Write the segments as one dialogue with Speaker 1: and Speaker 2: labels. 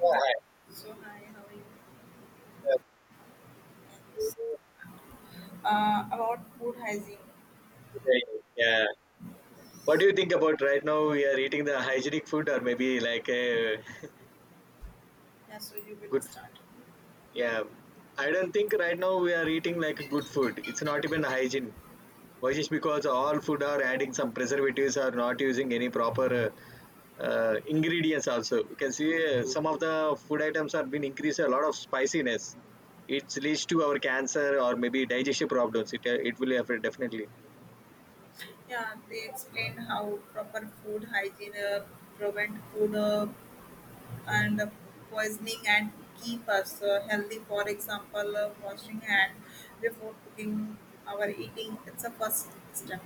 Speaker 1: Yeah,
Speaker 2: So hi, how are you? About food hygiene.
Speaker 1: yeah, What do you think about right now? We are eating the hygienic food, or maybe like a
Speaker 2: Yeah, so you will
Speaker 1: good.
Speaker 2: start.
Speaker 1: Yeah, I don't think right now we are eating like a good food. It's not even hygiene. Why? Just because all food are adding some preservatives or not using any proper ingredients. Also, you can see some of the food items have been increased a lot of spiciness. It leads to our cancer or maybe digestive problems. It will affect definitely.
Speaker 2: Yeah, they explain how proper food hygiene prevent food and poisoning and keep us healthy. For example, washing hand before cooking our eating. It's a first step.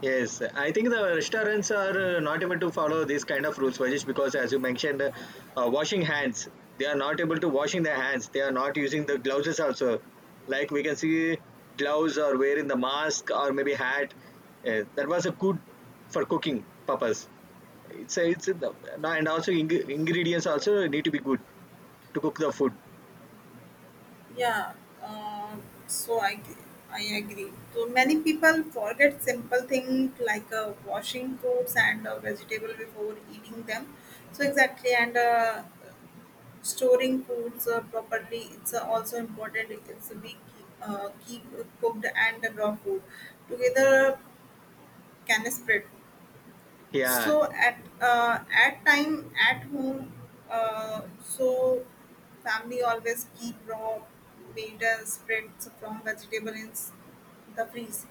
Speaker 1: Yes, I think the restaurants are not able to follow these kind of rules, Vajish, because as you mentioned, washing hands, they are not able to washing their hands. They are not using the gloves also. Like we can see gloves or wearing the mask or maybe hat. That was a good for cooking purpose. No, and also ingredients also need to be good to cook the food.
Speaker 2: Yeah, uh, so I agree. So many people forget simple things like washing fruits and vegetable before eating them. So exactly, and storing foods properly. It's also important. It's we keep cooked and raw food together can spread,
Speaker 1: Yeah,
Speaker 2: so at time at home so family always keep raw made spreads from vegetable in the freeze.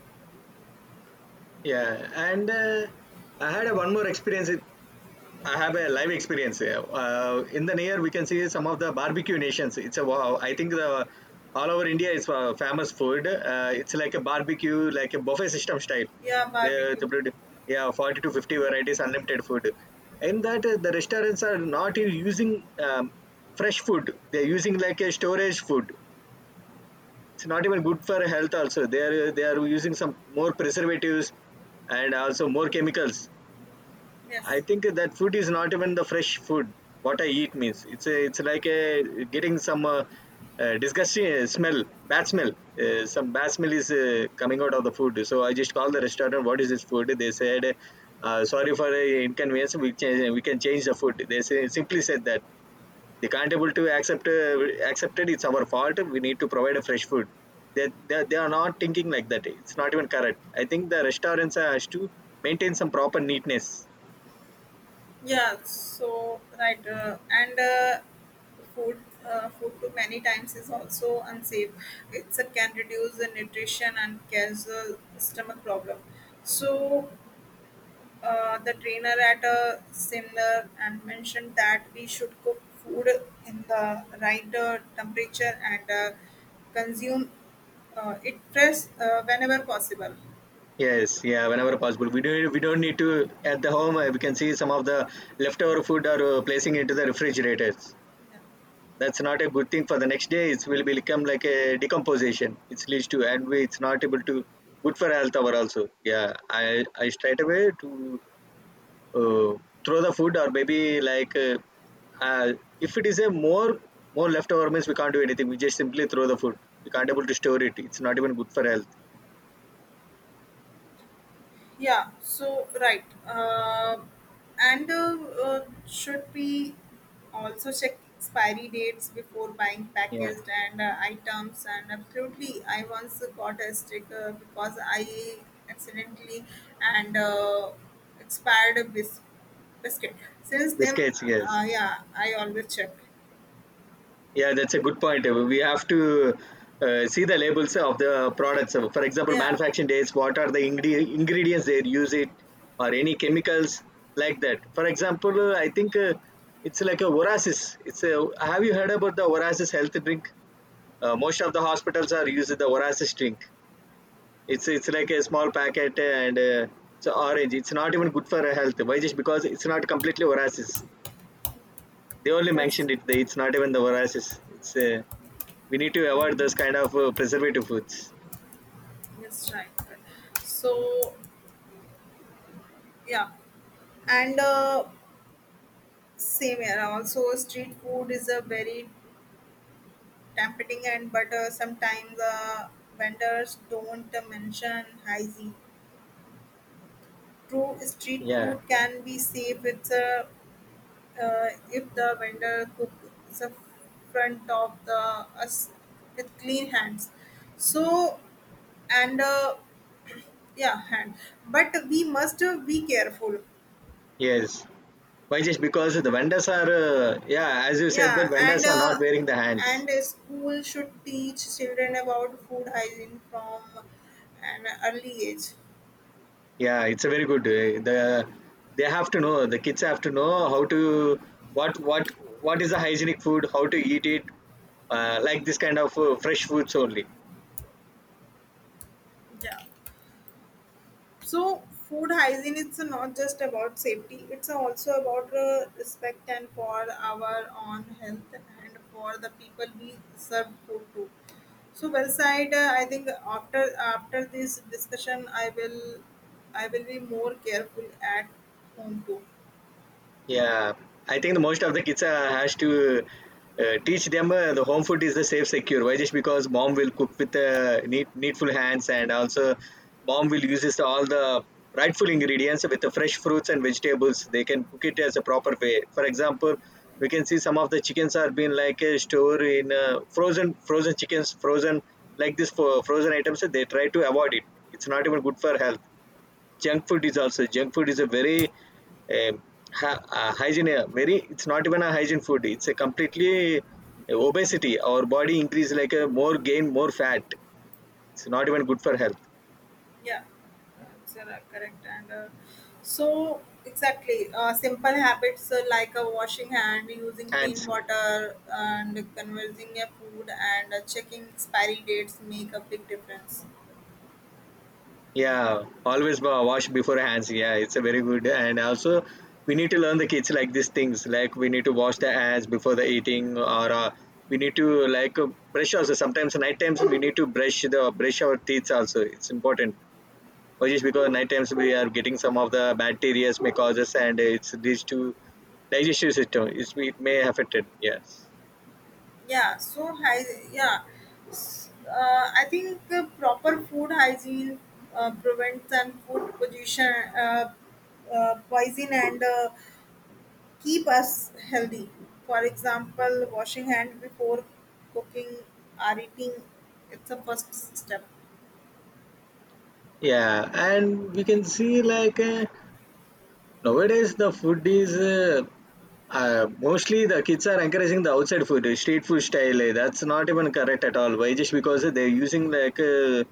Speaker 1: yeah, And I had a one more experience I have a live experience here. In the near, we can see some of the barbecue nations. It's a wow. I think the all over India is famous food. It's like a barbecue, like a buffet system style.
Speaker 2: Yeah,
Speaker 1: They,
Speaker 2: barbecue.
Speaker 1: they put, yeah, 40 to 50 varieties, unlimited food. In that, the restaurants are not even using fresh food. They're using like a storage food. It's not even good for health. Also, they are using some more preservatives and also more chemicals. I
Speaker 2: Yes.
Speaker 1: think that food is not even the fresh food. What I eat means it's like a getting some disgusting smell, bad smell. Some bad smell is coming out of the food. So I just called the restaurant. What is this food? They said, sorry for the inconvenience. We can change the food. They say, simply said that they can't able to accept it. It's our fault. We need to provide a fresh food. They are not thinking like that. It's not even correct. I think the restaurants has to maintain some proper neatness.
Speaker 2: Yeah, so right, and food food too many times is also unsafe, it's a, can reduce the nutrition and cause a stomach problem. So the trainer at a seminar and mentioned that we should cook food in the right temperature and consume it fresh whenever possible.
Speaker 1: Yes, yeah, whenever possible. We don't need to at the home. We can see some of the leftover food are placing into the refrigerators.
Speaker 2: Yeah.
Speaker 1: That's not a good thing for the next day. It will become like a decomposition. It leads to and we, it's not able to good for health over also. Yeah, I straight away to uh, throw the food or maybe like uh, if it is a more leftover means we can't do anything. We just simply throw the food. We can't able to store it. It's not even good for health.
Speaker 2: Yeah, so right. And should we also check expiry dates before buying
Speaker 1: Yeah,
Speaker 2: packaged and items? And absolutely, I once got a sticker because I accidentally and expired a biscuit. Since then,
Speaker 1: biscuits. Yes.
Speaker 2: yeah, I always check.
Speaker 1: Yeah, that's a good point. We have to see the labels of the products. So, for example,
Speaker 2: Yeah,
Speaker 1: manufacturing dates, what are the ingredients they use it, or any chemicals like that. For example, I think it's like a Orasis. It's a, have you heard about the Orasis health drink? Most of the hospitals are using the Orasis drink. It's like a small packet and it's orange. It's not even good for health. Why? Just because it's not completely Orasis. They only
Speaker 2: yes,
Speaker 1: mentioned it. They, it's not even the Orasis. It's We need to avoid those kind of preservative foods.
Speaker 2: yes, right. Right. So, yeah, and same here. Also, street food is a very tempting, and but sometimes vendors don't mention hygiene. True street
Speaker 1: Yeah,
Speaker 2: food can be safe, it's, if the vendor cooks in front of the us with clean hands. So and yeah, hand. But we must be careful.
Speaker 1: yes, why? Just because the vendors are yeah, as you said that
Speaker 2: Yeah,
Speaker 1: vendors are not wearing the hands.
Speaker 2: and a school should teach children about food hygiene from an early age.
Speaker 1: Yeah, it's a very good they have to know. The kids have to know how to what what what is the hygienic food, how to eat it, like this kind of fresh foods only.
Speaker 2: Yeah. So, food hygiene, it's not just about safety, it's also about respect and for our own health and for the people we serve food to. So, well said. I think after this discussion, I will, I will be more careful at home too.
Speaker 1: Yeah, I think the most of the kids has to teach them the home food is the safe, secure. Why? Just because mom will cook with neat, needful hands, and also mom will uses all the rightful ingredients with the fresh fruits and vegetables. They can cook it as a proper way. For example, we can see some of the chickens are being like stored in frozen, frozen chickens, frozen like this, for frozen items. They try to avoid it. It's not even good for health. Junk food is also, junk food is a very um, hygiene very, it's not even a hygiene food. It's a completely obesity. Our body increase like a more, gain more fat. It's not even good for health.
Speaker 2: Yeah, it's correct. And so, exactly, simple habits like washing hand, using clean
Speaker 1: Hands,
Speaker 2: water, and conversing a food, and checking expiry dates make a big difference.
Speaker 1: yeah, always wash before hands. Yeah, it's a very good. And also we need to learn the kids like these things, like we need to wash the hands before the eating, or we need to like brush also. Sometimes night times we need to brush our teeth also. It's important. But just because night times we are getting some of the bacteria may cause us, and it's these two digestive system. It's, it may affect it. Yes.
Speaker 2: Yeah, so high. Yeah, I think proper food hygiene prevents and food pollution, uh, poison, and keep us healthy. For example, washing hand before cooking or eating, it's a first step.
Speaker 1: Yeah, and we can see like nowadays, the food is mostly the kids are encouraging the outside food, street food style. That's not even correct at all. Why? Just because they're using like uh,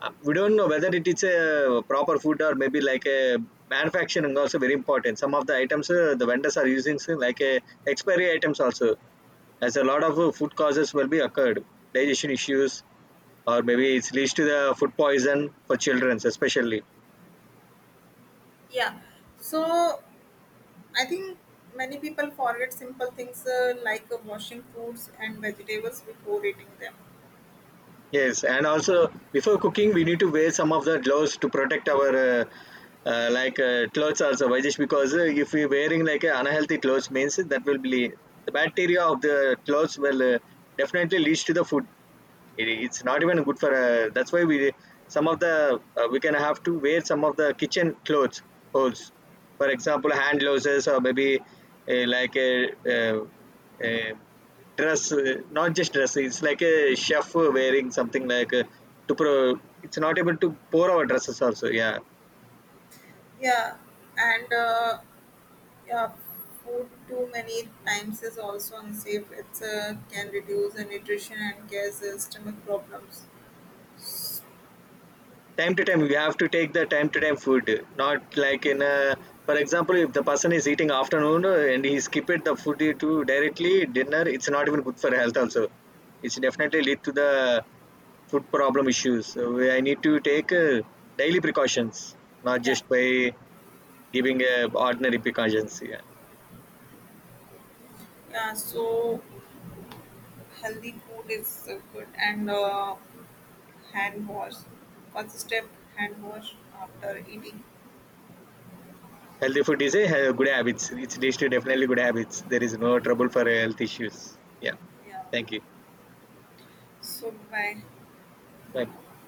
Speaker 1: uh, we don't know whether it is a proper food, or maybe like a manufacturing also very important. Some of the items the vendors are using, so like expiry items also, as a lot of food causes will be occurred, digestion issues, or maybe it's leads to the food poison for children especially.
Speaker 2: Yeah. So I think many people forget simple things like washing fruits and vegetables before eating them.
Speaker 1: Yes, and also before cooking, we need to wear some of the gloves to protect our like clothes also, Vajesh, because if we're wearing like unhealthy clothes, means that will be the bacteria of the clothes will definitely leads to the food. It's not even good for that's why we, some of the we can have to wear some of the kitchen clothes, holes, for example, hand gloves, or maybe like uh a dress, not just dress, it's like a chef wearing something like a, to pro, it's not able to pour our dresses also. Yeah,
Speaker 2: Yeah. And yeah, food too many times is also unsafe. It's can reduce the nutrition and cause stomach problems.
Speaker 1: time to time we have to take the time to time food, not like in a, for example, if the person is eating afternoon and he skipped the food to directly dinner, it's not even good for health also. It's definitely lead to the food problem issues. So I need to take daily precautions, not
Speaker 2: Yeah.
Speaker 1: just by giving ordinary precautions, yeah.
Speaker 2: Yeah. So healthy food is good and hand wash, consistent hand wash after eating.
Speaker 1: Healthy food is a good habits. It's leads to definitely good habits. There is no trouble for health issues. Yeah,
Speaker 2: Yeah,
Speaker 1: thank you.
Speaker 2: so bye.
Speaker 1: Bye.